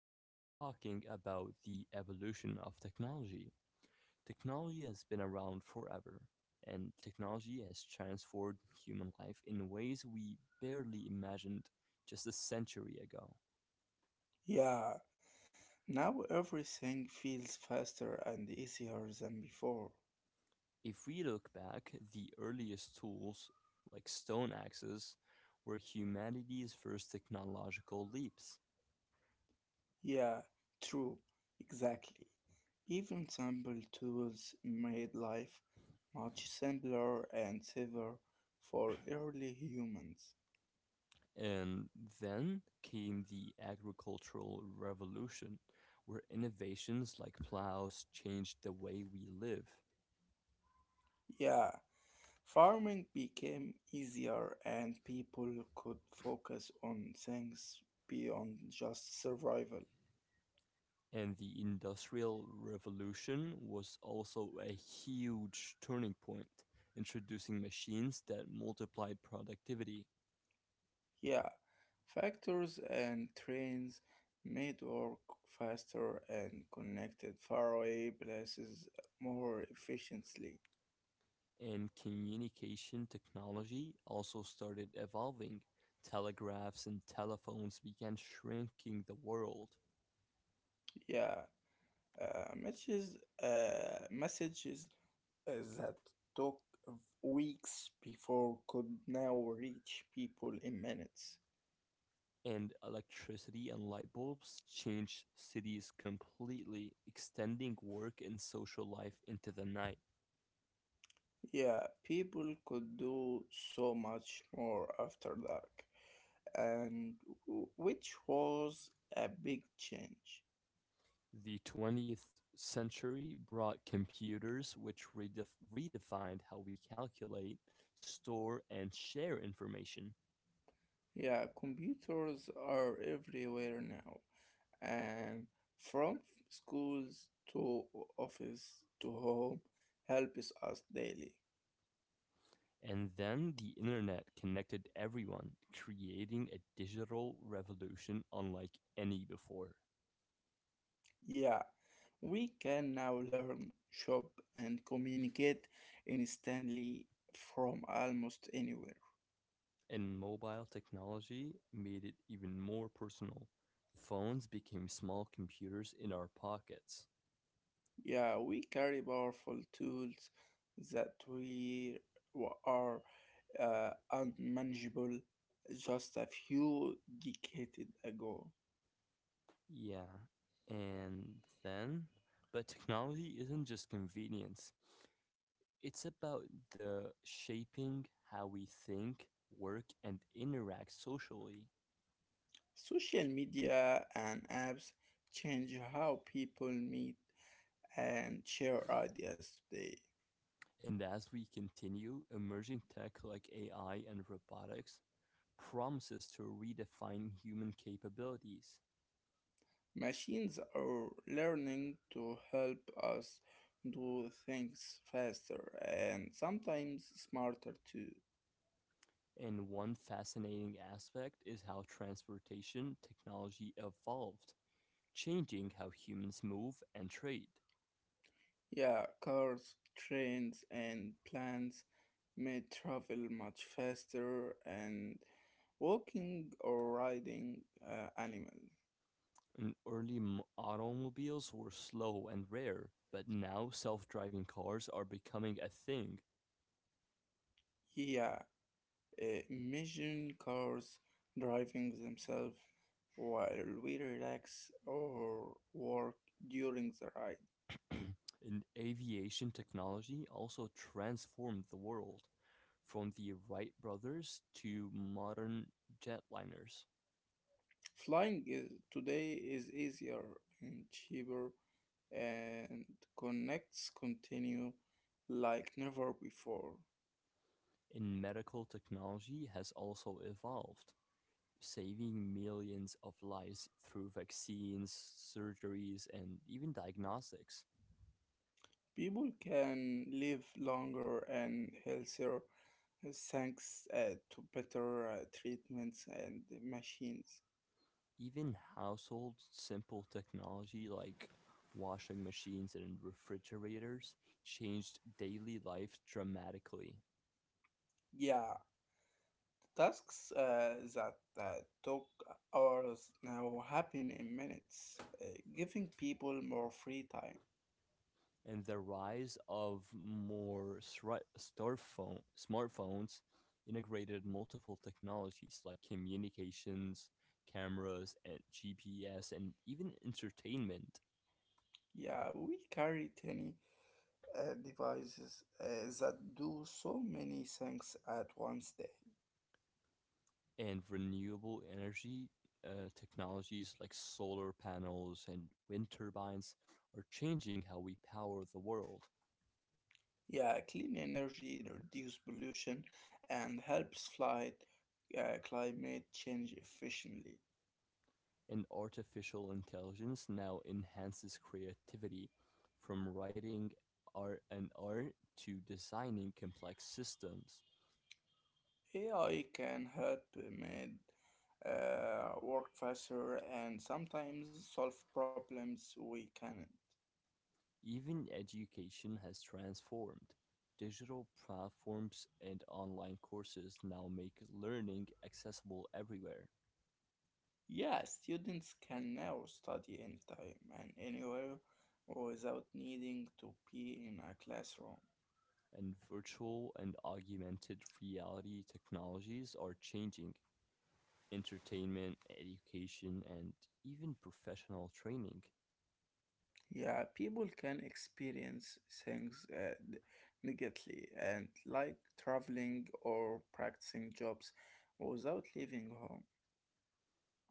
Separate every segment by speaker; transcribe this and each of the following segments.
Speaker 1: we're going to be talking about the evolution of technology. Technology has been around forever, and technology has transformed human life in ways we barely imagined just a century ago.
Speaker 2: Yeah, now everything feels faster and easier than before.
Speaker 1: If we look back, the earliest tools, like stone axes, were humanity's first technological leaps.
Speaker 2: Yeah, true, exactly. Even simple tools made life much simpler and safer for early humans.
Speaker 1: And then came the agricultural revolution, where innovations like plows changed the way we live.
Speaker 2: Yeah, farming became easier and people could focus on things beyond just survival.
Speaker 1: And the industrial revolution was also a huge turning point, introducing machines that multiplied productivity.
Speaker 2: Yeah, factors and trains made work faster and connected faraway places more efficiently.
Speaker 1: And communication technology also started evolving. Telegraphs and telephones began shrinking the world.
Speaker 2: Yeah, matches, messages uh, that took weeks before could now reach people in minutes.
Speaker 1: And electricity and light bulbs changed cities completely, extending work and social life into the night.
Speaker 2: Yeah, people could do so much more after dark, and which was a big change.
Speaker 1: The 20th century brought computers, which redefined how we calculate, store, and share information.
Speaker 2: Yeah, computers are everywhere now, and from schools to office to home helps us daily.
Speaker 1: And then the internet connected everyone, creating a digital revolution unlike any before.
Speaker 2: Yeah, we can now learn, shop, and communicate instantly from almost anywhere.
Speaker 1: And mobile technology made it even more personal. Phones became small computers in our pockets.
Speaker 2: Yeah, we carry powerful tools that are unmanageable just a few decades ago.
Speaker 1: Yeah. And then, but technology isn't just convenience, it's about the shaping how we think, work, and interact socially.
Speaker 2: Social media and apps change how people meet and share ideas today.
Speaker 1: And as we continue, emerging tech like AI and robotics promises to redefine human capabilities.
Speaker 2: Machines are learning to help us do things faster and sometimes smarter too.
Speaker 1: And one fascinating aspect is how transportation technology evolved, changing how humans move and trade.
Speaker 2: Yeah, cars, trains, and planes may travel much faster and walking or riding animal.
Speaker 1: And early automobiles were slow and rare, but now self driving cars are becoming a thing.
Speaker 2: Yeah, imagine cars driving themselves while we relax or work during the ride.
Speaker 1: And aviation technology also transformed the world, from the Wright brothers to modern jetliners.
Speaker 2: Flying is, today is easier and cheaper and connects continue like never before.
Speaker 1: And medical technology has also evolved, saving millions of lives through vaccines, surgeries, and even diagnostics.
Speaker 2: People can live longer and healthier thanks to better treatments and machines.
Speaker 1: Even household simple technology like washing machines and refrigerators changed daily life dramatically.
Speaker 2: Yeah, Tasks that uh, took hours now happen in minutes, giving people more free time.
Speaker 1: And the rise of more smartphones integrated multiple technologies like communications, cameras, and GPS, and even entertainment
Speaker 2: Yeah, we carry tiny devices that do so many things at once day.
Speaker 1: and renewable energy technologies like solar panels and wind turbines are changing how we power the world.
Speaker 2: Yeah, clean energy, reduce pollution, and helps fight climate change efficiently.
Speaker 1: And artificial intelligence now enhances creativity from writing art to designing complex systems.
Speaker 2: AI can help make work faster and sometimes solve problems we can't.
Speaker 1: Even education has transformed. Digital platforms and online courses now make learning accessible everywhere.
Speaker 2: Yeah, students can now study anytime and anywhere without needing to be in a classroom.
Speaker 1: And virtual and augmented reality technologies are changing entertainment, education, and even professional training.
Speaker 2: Yeah, people can experience things immediately and like traveling or practicing jobs without leaving home.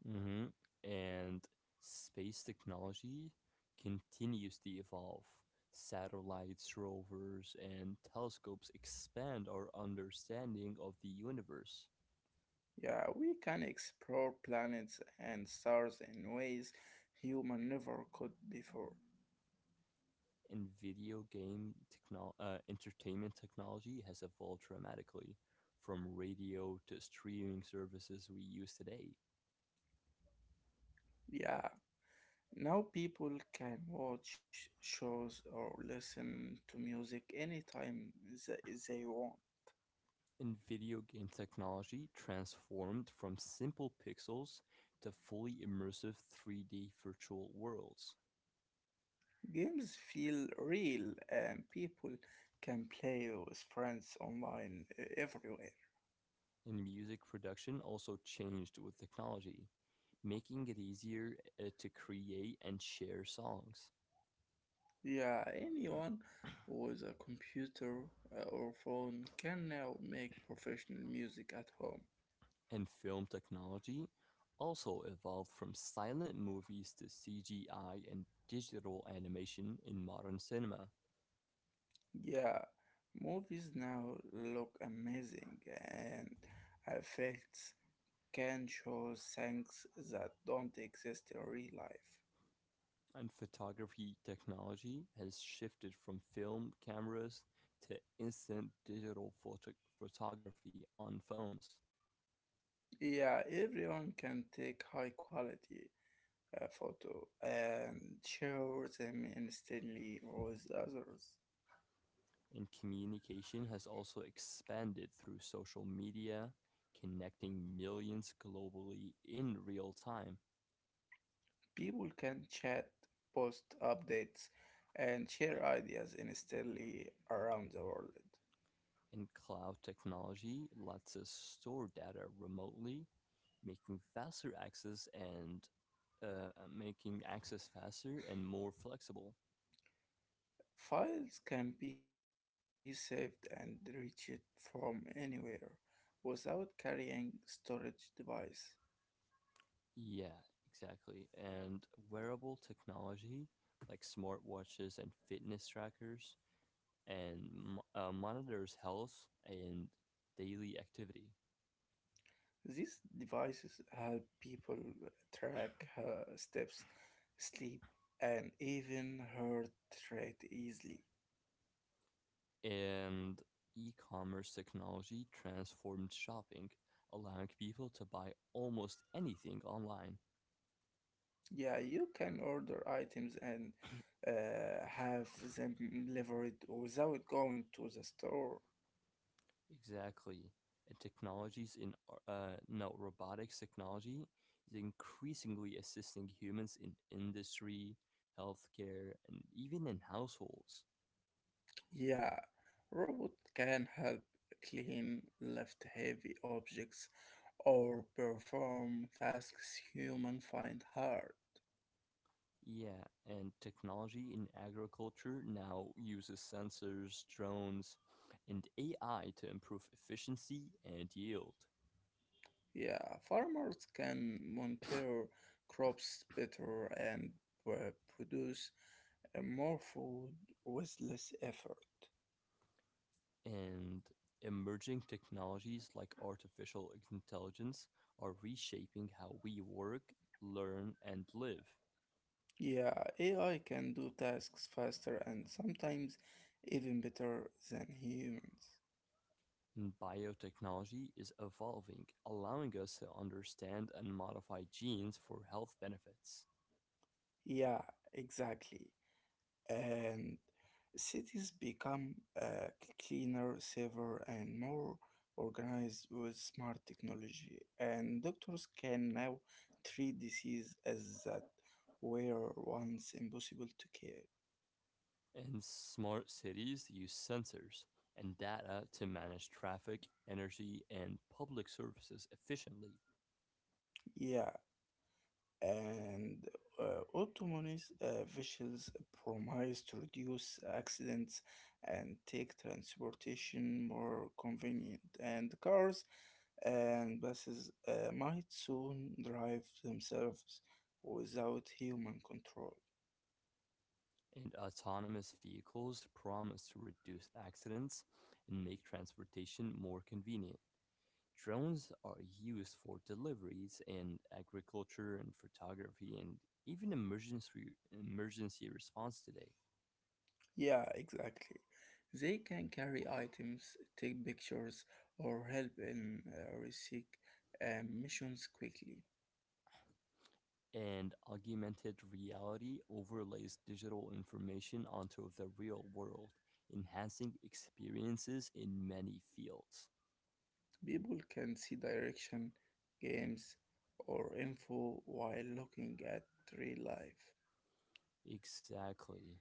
Speaker 1: hmm And space technology continues to evolve. Satellites, rovers, and telescopes expand our understanding of the universe.
Speaker 2: Yeah, we can explore planets and stars in ways human never could before.
Speaker 1: In entertainment technology has evolved dramatically from radio to streaming services we use today.
Speaker 2: Yeah, now people can watch shows or listen to music anytime they want.
Speaker 1: And video game technology transformed from simple pixels to fully immersive 3D virtual worlds.
Speaker 2: Games feel real and people can play with friends online everywhere.
Speaker 1: And music production also changed with technology, making it easier to create and share songs.
Speaker 2: Yeah, anyone with a computer or phone can now make professional music at home.
Speaker 1: And film technology also evolved from silent movies to CGI and digital animation in modern cinema,
Speaker 2: Yeah, movies now look amazing and effects can show things that don't exist in real life.
Speaker 1: and photography technology has shifted from film cameras to instant digital photography on phones.
Speaker 2: Yeah, everyone can take high quality photo and share them instantly with others.
Speaker 1: And communication has also expanded through social media, connecting millions globally in real time.
Speaker 2: People can chat, post updates, and share ideas instantly around the world.
Speaker 1: And cloud technology lets us store data remotely, making faster access and making access faster and more flexible.
Speaker 2: Files can be saved and reached from anywhere without carrying storage device.
Speaker 1: Yeah, exactly. And wearable technology like smartwatches and fitness trackers and monitors health and daily activity.
Speaker 2: These devices help people track steps, sleep, and even heart rate easily.
Speaker 1: And e commerce technology transformed shopping, allowing people to buy almost anything online.
Speaker 2: Yeah, you can order items and have them delivered without going to the store.
Speaker 1: Exactly. And technologies in ar- no robotics technology is increasingly assisting humans in industry, healthcare, and even in households.
Speaker 2: Yeah, robot can help clean, lift heavy objects, or perform tasks human find hard.
Speaker 1: Yeah, and technology in agriculture now uses sensors, drones, and AI to improve efficiency and yield.
Speaker 2: Yeah, farmers can monitor crops better and produce more food with less effort.
Speaker 1: And emerging technologies like artificial intelligence are reshaping how we work, learn, and live.
Speaker 2: Yeah, AI can do tasks faster and sometimes even better than humans.
Speaker 1: Biotechnology is evolving, allowing us to understand and modify genes for health benefits.
Speaker 2: Yeah, exactly. And cities become uh, cleaner, safer, and more organized with smart technology. And doctors can now treat disease as that were once impossible to care.
Speaker 1: And smart cities use sensors and data to manage traffic, energy, and public services efficiently.
Speaker 2: Yeah, and autonomous vehicles promise to reduce accidents and take transportation more convenient. And cars and buses might soon drive themselves without human control.
Speaker 1: And autonomous vehicles promise to reduce accidents and make transportation more convenient. Drones are used for deliveries and agriculture and photography and even emergency response today.
Speaker 2: Yeah, exactly. They can carry items, take pictures, or help in research missions quickly.
Speaker 1: And augmented reality overlays digital information onto the real world, enhancing experiences in many fields.
Speaker 2: People can see direction, games, or info while looking at real life.
Speaker 1: Exactly.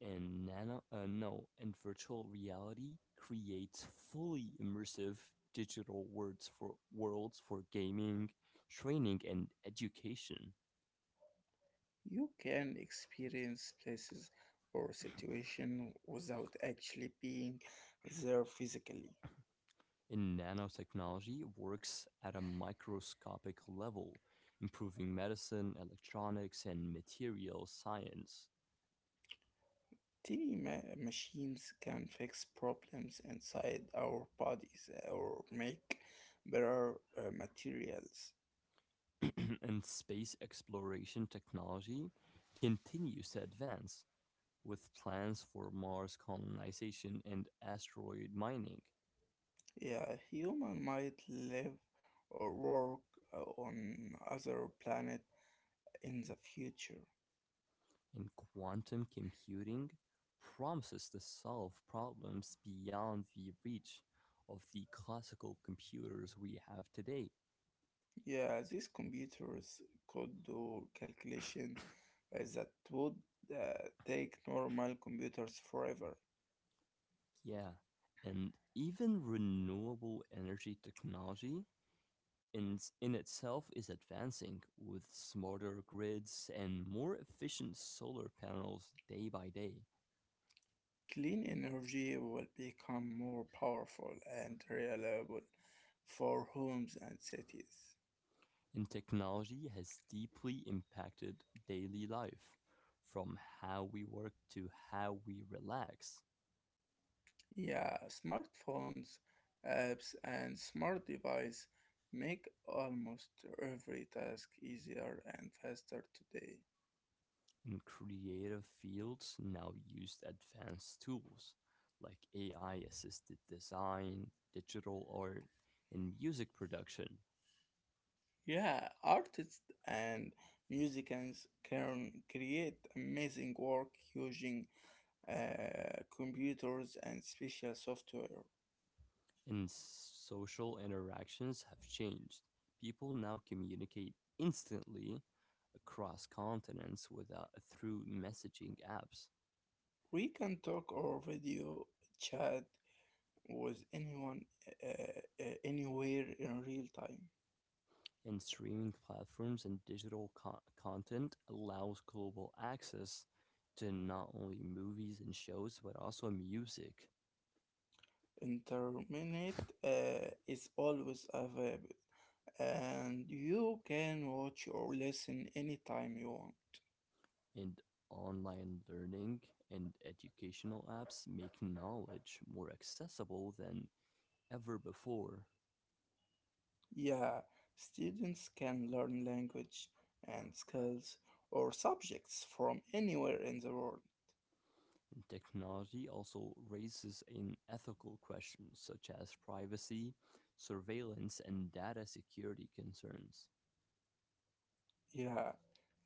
Speaker 1: And nano, no, and virtual reality creates fully immersive digital worlds for gaming, training, and education.
Speaker 2: You can experience places or situation without actually being there physically.
Speaker 1: In nanotechnology works at a microscopic level, improving medicine, electronics, and material science.
Speaker 2: Tiny machines can fix problems inside our bodies or make better materials.
Speaker 1: And space exploration technology continues to advance, with plans for Mars colonization and asteroid mining.
Speaker 2: Yeah, human might live or work on other planet in the future.
Speaker 1: And quantum computing promises to solve problems beyond the reach of the classical computers we have today.
Speaker 2: Yeah, these computers could do calculation that would take normal computers forever.
Speaker 1: Yeah, and even renewable energy technology in, in itself is advancing with smarter grids and more efficient solar panels day by day.
Speaker 2: Clean energy will become more powerful and reliable for homes and cities.
Speaker 1: And technology has deeply impacted daily life, from how we work to how we relax.
Speaker 2: Yeah, smartphones, apps, and smart devices make almost every task easier and faster today.
Speaker 1: In creative fields now use advanced tools like AI assisted design, digital art, and music production
Speaker 2: Yeah, artists and musicians can create amazing work using computers and special software.
Speaker 1: and social interactions have changed. People now communicate instantly across continents without through messaging apps
Speaker 2: We can talk or video chat with anyone anywhere in real time.
Speaker 1: and streaming platforms and digital content allows global access to not only movies and shows but also music
Speaker 2: Internet is always available and you can watch or listen anytime you want.
Speaker 1: and online learning and educational apps make knowledge more accessible than ever before.
Speaker 2: Yeah, students can learn language and skills or subjects from anywhere in the world.
Speaker 1: Technology also raises an ethical question such as privacy, surveillance, and data security concerns.
Speaker 2: Yeah,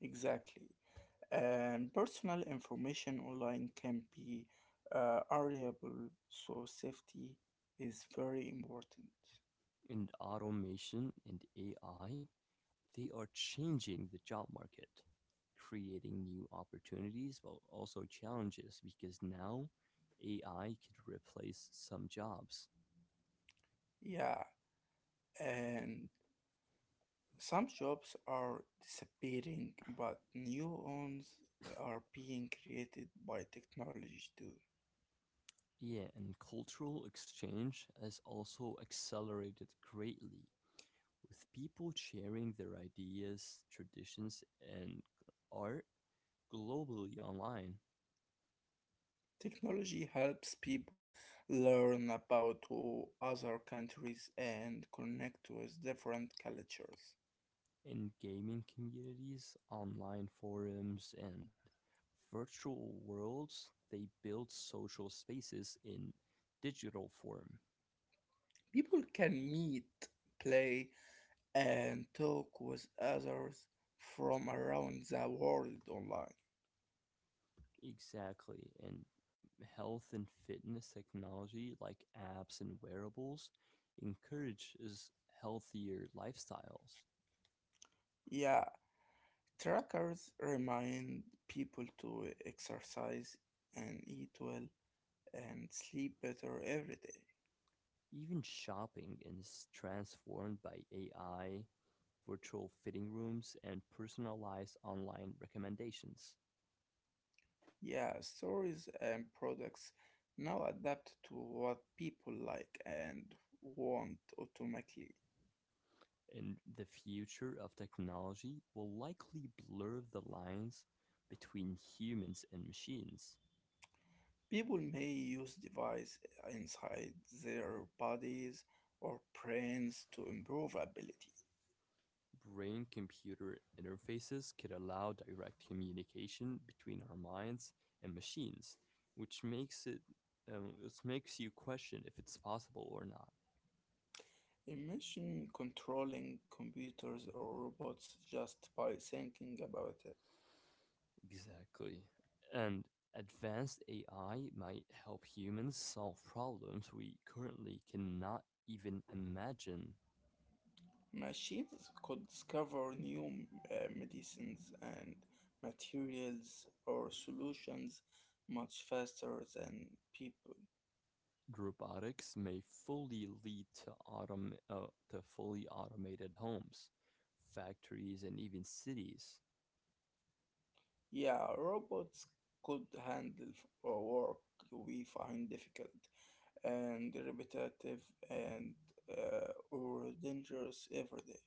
Speaker 2: exactly. And personal information online can be variable, so safety is very important.
Speaker 1: And automation and AI, they are changing the job market, creating new opportunities but also challenges because now AI could replace some jobs.
Speaker 2: Yeah, and some jobs are disappearing, but new ones are being created by technology too.
Speaker 1: Yeah, and cultural exchange has also accelerated greatly with people sharing their ideas, traditions, and art globally online.
Speaker 2: Technology helps people learn about other countries and connect with different cultures.
Speaker 1: In gaming communities, online forums, and virtual worlds, they build social spaces in digital form.
Speaker 2: People can meet, play, and talk with others from around the world online.
Speaker 1: Exactly. And health and fitness technology, like apps and wearables, encourages healthier lifestyles.
Speaker 2: Yeah, Trackers remind people to exercise and eat well and sleep better every day.
Speaker 1: Even shopping is transformed by AI, virtual fitting rooms, and personalized online recommendations.
Speaker 2: Yeah, stories and products now adapt to what people like and want automatically.
Speaker 1: And the future of technology will likely blur the lines between humans and machines.
Speaker 2: People may use devices inside their bodies or brains to improve ability.
Speaker 1: Brain computer interfaces could allow direct communication between our minds and machines, which makes it this makes you question if it's possible or not.
Speaker 2: Imagine controlling computers or robots just by thinking about it.
Speaker 1: Exactly. And advanced AI might help humans solve problems we currently cannot even imagine.
Speaker 2: Machines could discover new medicines and materials or solutions much faster than people.
Speaker 1: Robotics may fully lead to fully automated homes, factories, and even cities.
Speaker 2: Yeah, robots could handle work we find difficult and repetitive and or dangerous every day.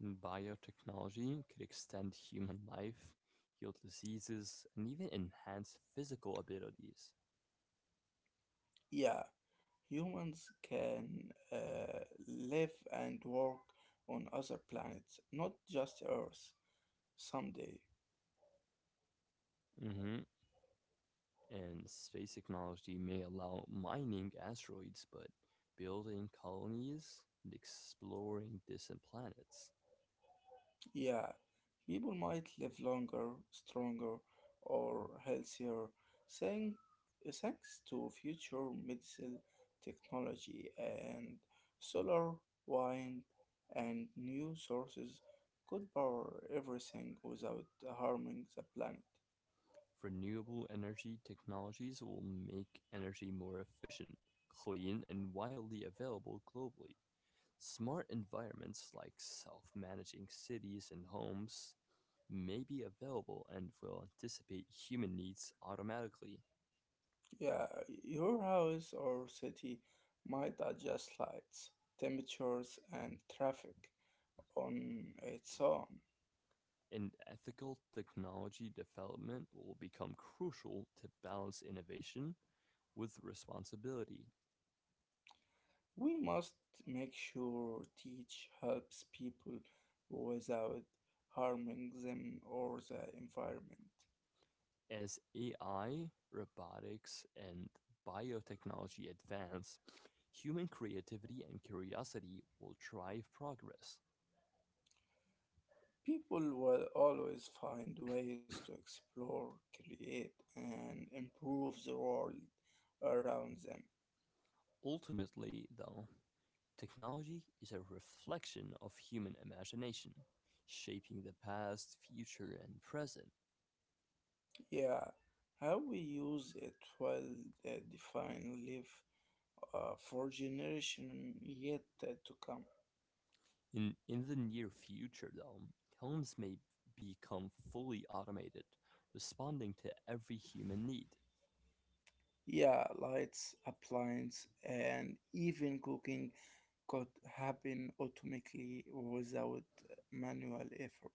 Speaker 1: And biotechnology could extend human life, heal diseases, and even enhance physical abilities.
Speaker 2: Yeah, humans can live and work on other planets, not just Earth, someday.
Speaker 1: Mhm. And space technology may allow mining asteroids, but building colonies and exploring distant planets.
Speaker 2: Yeah, people might live longer, stronger, or healthier thank, thanks to future medicine technology and solar, wind, and new sources could power everything without harming the planet.
Speaker 1: Renewable energy technologies will make energy more efficient, clean, and widely available globally. Smart environments like self managing cities and homes may be available and will anticipate human needs automatically.
Speaker 2: Yeah, your house or city might adjust lights, temperatures, and traffic on its own.
Speaker 1: And ethical technology development will become crucial to balance innovation with responsibility.
Speaker 2: We must make sure teach helps people without harming them or the environment.
Speaker 1: As AI, robotics, and biotechnology advance, human creativity and curiosity will drive progress.
Speaker 2: People will always find ways to explore, create, and improve the world around them.
Speaker 1: Ultimately, though, technology is a reflection of human imagination, shaping the past, future, and present.
Speaker 2: Yeah, how we use it will define life for generation yet to come.
Speaker 1: In the near future, though, homes may become fully automated, responding to every human need.
Speaker 2: Yeah, lights, appliance, and even cooking could happen automatically without manual effort.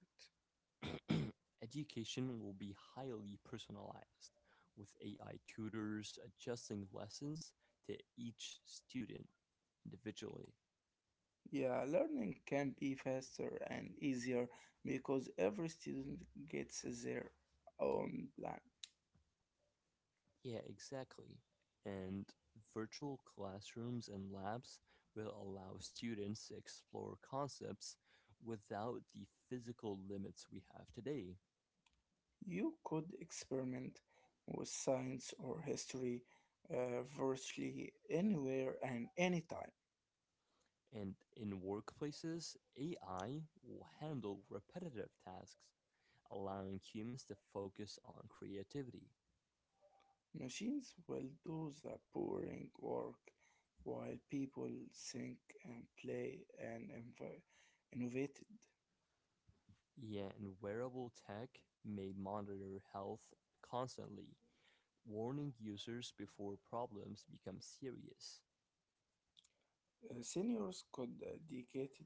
Speaker 1: Education will be highly personalized, with AI tutors adjusting lessons to each student individually.
Speaker 2: Yeah, learning can be faster and easier because every student gets their own plan.
Speaker 1: Yeah, exactly. And virtual classrooms and labs will allow students to explore concepts without the physical limits we have today.
Speaker 2: You could experiment with science or history virtually anywhere and anytime.
Speaker 1: And in workplaces, AI will handle repetitive tasks, allowing humans to focus on creativity.
Speaker 2: Machines will do the boring work while people think and play and innovated.
Speaker 1: Yeah, and wearable tech may monitor health constantly, warning users before problems become serious.
Speaker 2: Seniors could dedicate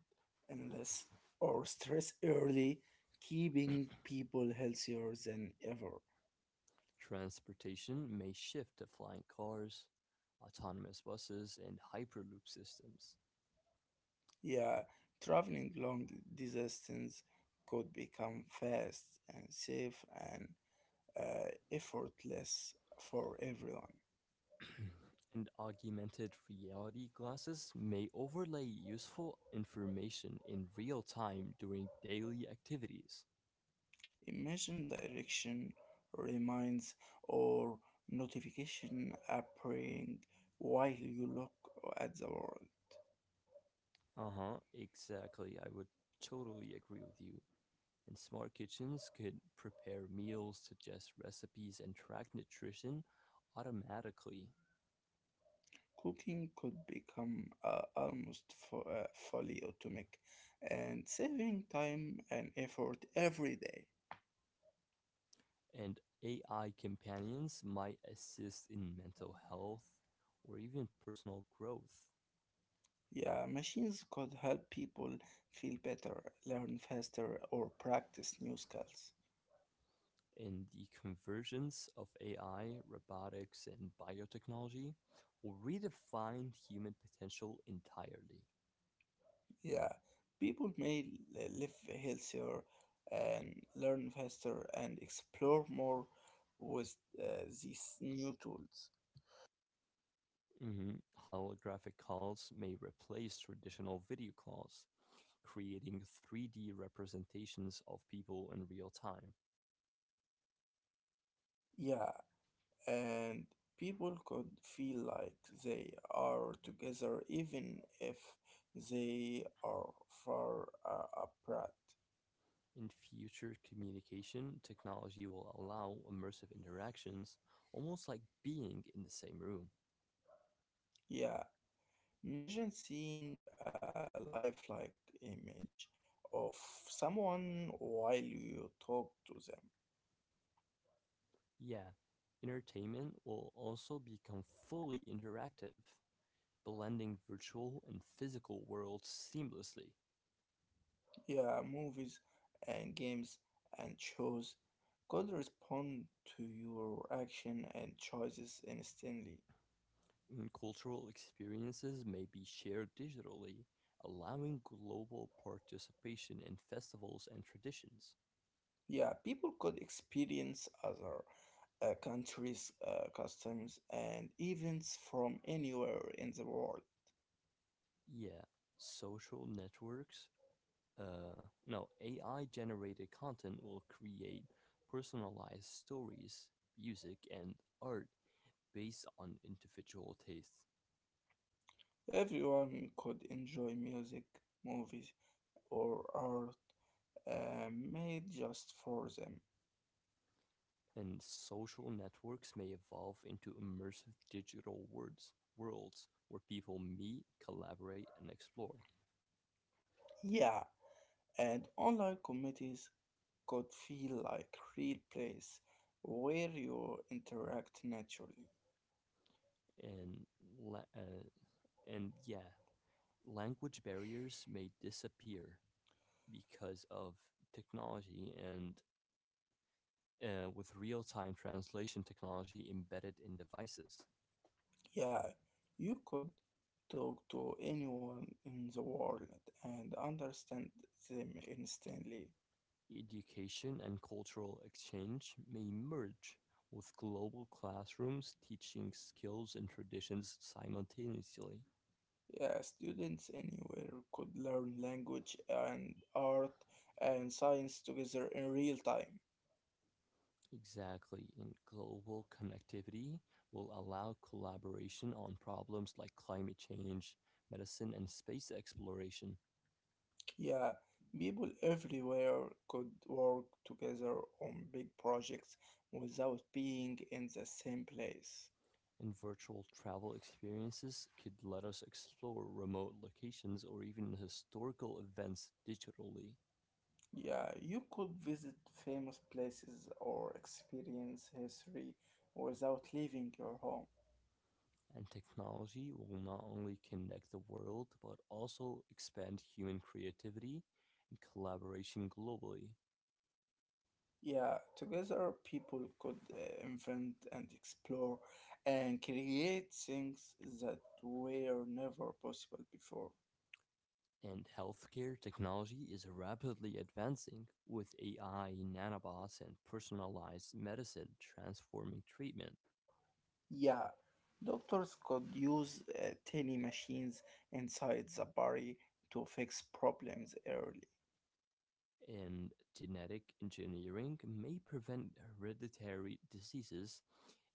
Speaker 2: endless or stress early, keeping people healthier than ever.
Speaker 1: Transportation may shift to flying cars, autonomous buses, and Hyperloop systems.
Speaker 2: Yeah, traveling long distance could become fast and safe and effortless for everyone.
Speaker 1: And augmented reality glasses may overlay useful information in real time during daily activities.
Speaker 2: Imagine direction, reminds, or notification appearing while you look at the world.
Speaker 1: Uh huh, exactly. I would totally agree with you. And smart kitchens could prepare meals, suggest recipes, and track nutrition automatically.
Speaker 2: Cooking could become almost fully automatic and saving time and effort every day.
Speaker 1: And AI companions might assist in mental health or even personal growth.
Speaker 2: Yeah, machines could help people feel better, learn faster, or practice new skills.
Speaker 1: In the convergence of AI, robotics, and biotechnology will redefine human potential entirely.
Speaker 2: Yeah, people may live healthier and learn faster and explore more with these new tools.
Speaker 1: Mhm. Holographic calls may replace traditional video calls, creating 3D representations of people in real time.
Speaker 2: Yeah, and people could feel like they are together even if they are far apart.
Speaker 1: In future communication, technology will allow immersive interactions, almost like being in the same room.
Speaker 2: Yeah, imagine seeing a lifelike image of someone while you talk to them.
Speaker 1: Yeah, entertainment will also become fully interactive, blending virtual and physical worlds seamlessly.
Speaker 2: Yeah, movies and games and shows could respond to your action and choices instantly.
Speaker 1: Cultural experiences may be shared digitally, allowing global participation in festivals and traditions.
Speaker 2: Yeah, people could experience other countries' customs and events from anywhere in the world.
Speaker 1: Yeah, social networks. No, AI generated content will create personalized stories, music, and art based on individual tastes.
Speaker 2: Everyone could enjoy music, movies, or art made just for them.
Speaker 1: And social networks may evolve into immersive worlds where people meet, collaborate, and explore.
Speaker 2: Yeah, and online committees could feel like real place where you interact naturally.
Speaker 1: And la- uh, and yeah, language barriers may disappear because of technology and with real-time translation technology embedded in devices.
Speaker 2: Yeah, you could talk to anyone in the world and understand them instantly.
Speaker 1: Education and cultural exchange may merge with global classrooms teaching skills and traditions simultaneously.
Speaker 2: Yeah, students anywhere could learn language and art and science together in real time.
Speaker 1: Exactly, and global connectivity will allow collaboration on problems like climate change, medicine, and space exploration.
Speaker 2: Yeah, people everywhere could work together on big projects without being in the same place.
Speaker 1: And virtual travel experiences could let us explore remote locations or even historical events digitally.
Speaker 2: Yeah, you could visit famous places or experience history without leaving your home.
Speaker 1: And technology will not only connect the world, but also expand human creativity and collaboration globally.
Speaker 2: Yeah, together people could invent and explore and create things that were never possible before.
Speaker 1: And healthcare technology is rapidly advancing, with AI, nanobots, and personalized medicine transforming treatment.
Speaker 2: Yeah, doctors could use tiny machines inside the body to fix problems early.
Speaker 1: And genetic engineering may prevent hereditary diseases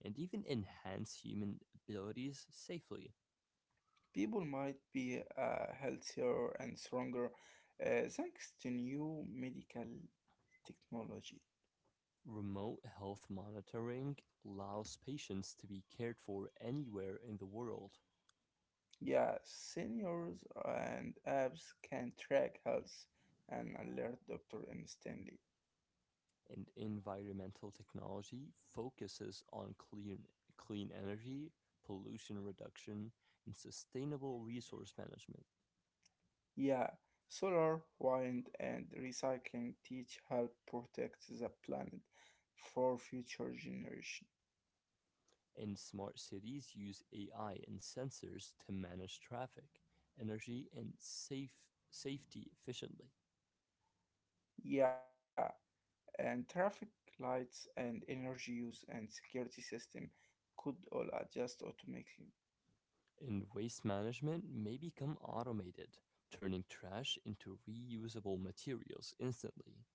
Speaker 1: and even enhance human abilities safely.
Speaker 2: People might be healthier and stronger thanks to new medical technology.
Speaker 1: Remote health monitoring allows patients to be cared for anywhere in the world.
Speaker 2: Yeah, seniors and apps can track health and alert Dr. instantly.
Speaker 1: And environmental technology focuses on clean energy, pollution reduction, and sustainable resource management.
Speaker 2: Yeah, solar, wind, and recycling teach help protect the planet for future generation.
Speaker 1: And smart cities use AI and sensors to manage traffic, energy, and safety efficiently.
Speaker 2: Yeah, and traffic lights and energy use and security system could all adjust automatically.
Speaker 1: And waste management may become automated, turning trash into reusable materials instantly.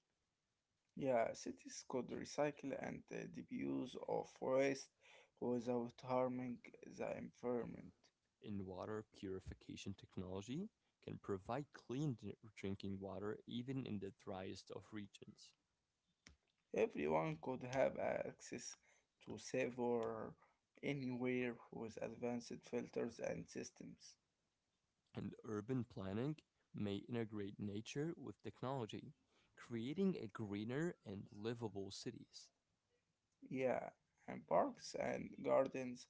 Speaker 2: Yeah, cities could recycle and defuse of waste without harming the environment.
Speaker 1: In water purification technology can provide clean drinking water even in the driest of regions.
Speaker 2: Everyone could have access to save or anywhere with advanced filters and systems.
Speaker 1: And urban planning may integrate nature with technology, creating a greener and livable cities.
Speaker 2: Yeah, and parks and gardens,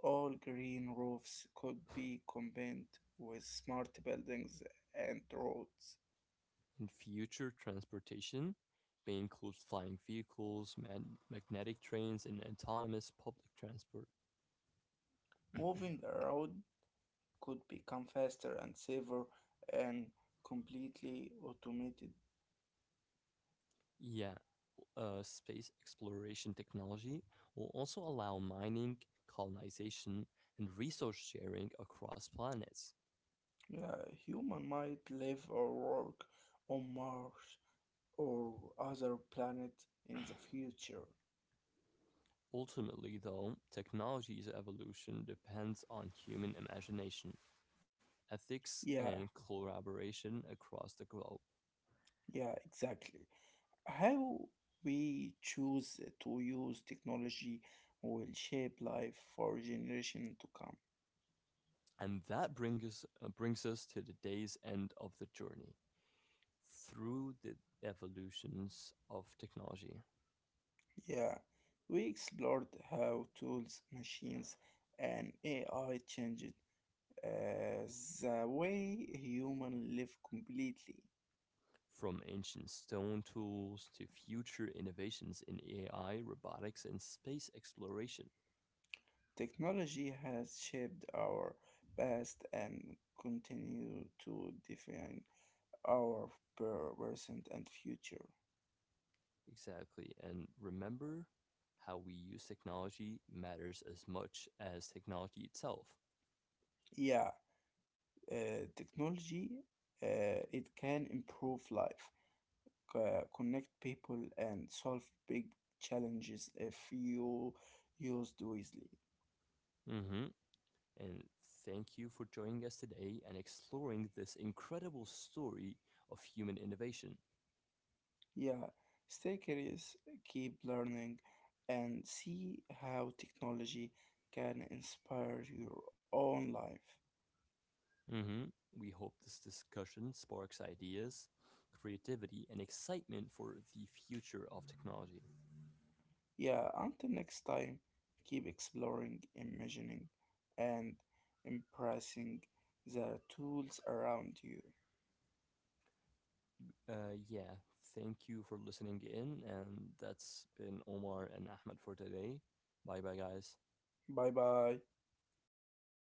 Speaker 2: all green roofs could be combined with smart buildings and roads.
Speaker 1: In future transportation may include flying vehicles, magnetic trains, and autonomous public transport.
Speaker 2: Moving around could become faster and safer, and completely automated.
Speaker 1: Yeah, space exploration technology will also allow mining, colonization, and resource sharing across planets.
Speaker 2: Human might live or work on Mars or other planet in the future.
Speaker 1: Ultimately, though, technology's evolution depends on human imagination, ethics,
Speaker 2: Yeah,
Speaker 1: and collaboration across the globe.
Speaker 2: yeah, exactly. How we choose to use technology will shape life for generations to come.
Speaker 1: And that brings us to the day's end of the journey through the evolutions of technology.
Speaker 2: Yeah, we explored how tools, machines, and AI changed uh, the way humans live completely.
Speaker 1: From ancient stone tools to future innovations in AI, robotics, and space exploration.
Speaker 2: Technology has shaped our past and continue to define our present and future.
Speaker 1: Exactly. And remember, how we use technology matters as much as technology itself.
Speaker 2: Yeah, technology it can improve life, connect people, and solve big challenges if you used wisely.
Speaker 1: hmm And thank you for joining us today and exploring this incredible story of human innovation.
Speaker 2: Yeah, stay curious, keep learning, and see how technology can inspire your own life.
Speaker 1: hmm We hope this discussion sparks ideas, creativity, and excitement for the future of technology.
Speaker 2: Yeah, until next time, keep exploring, imagining, and impressing the tools around you.
Speaker 1: Uh, yeah, Thank you for listening in. And that's been Omar and Ahmed for today. Bye bye, guys.
Speaker 2: Bye bye.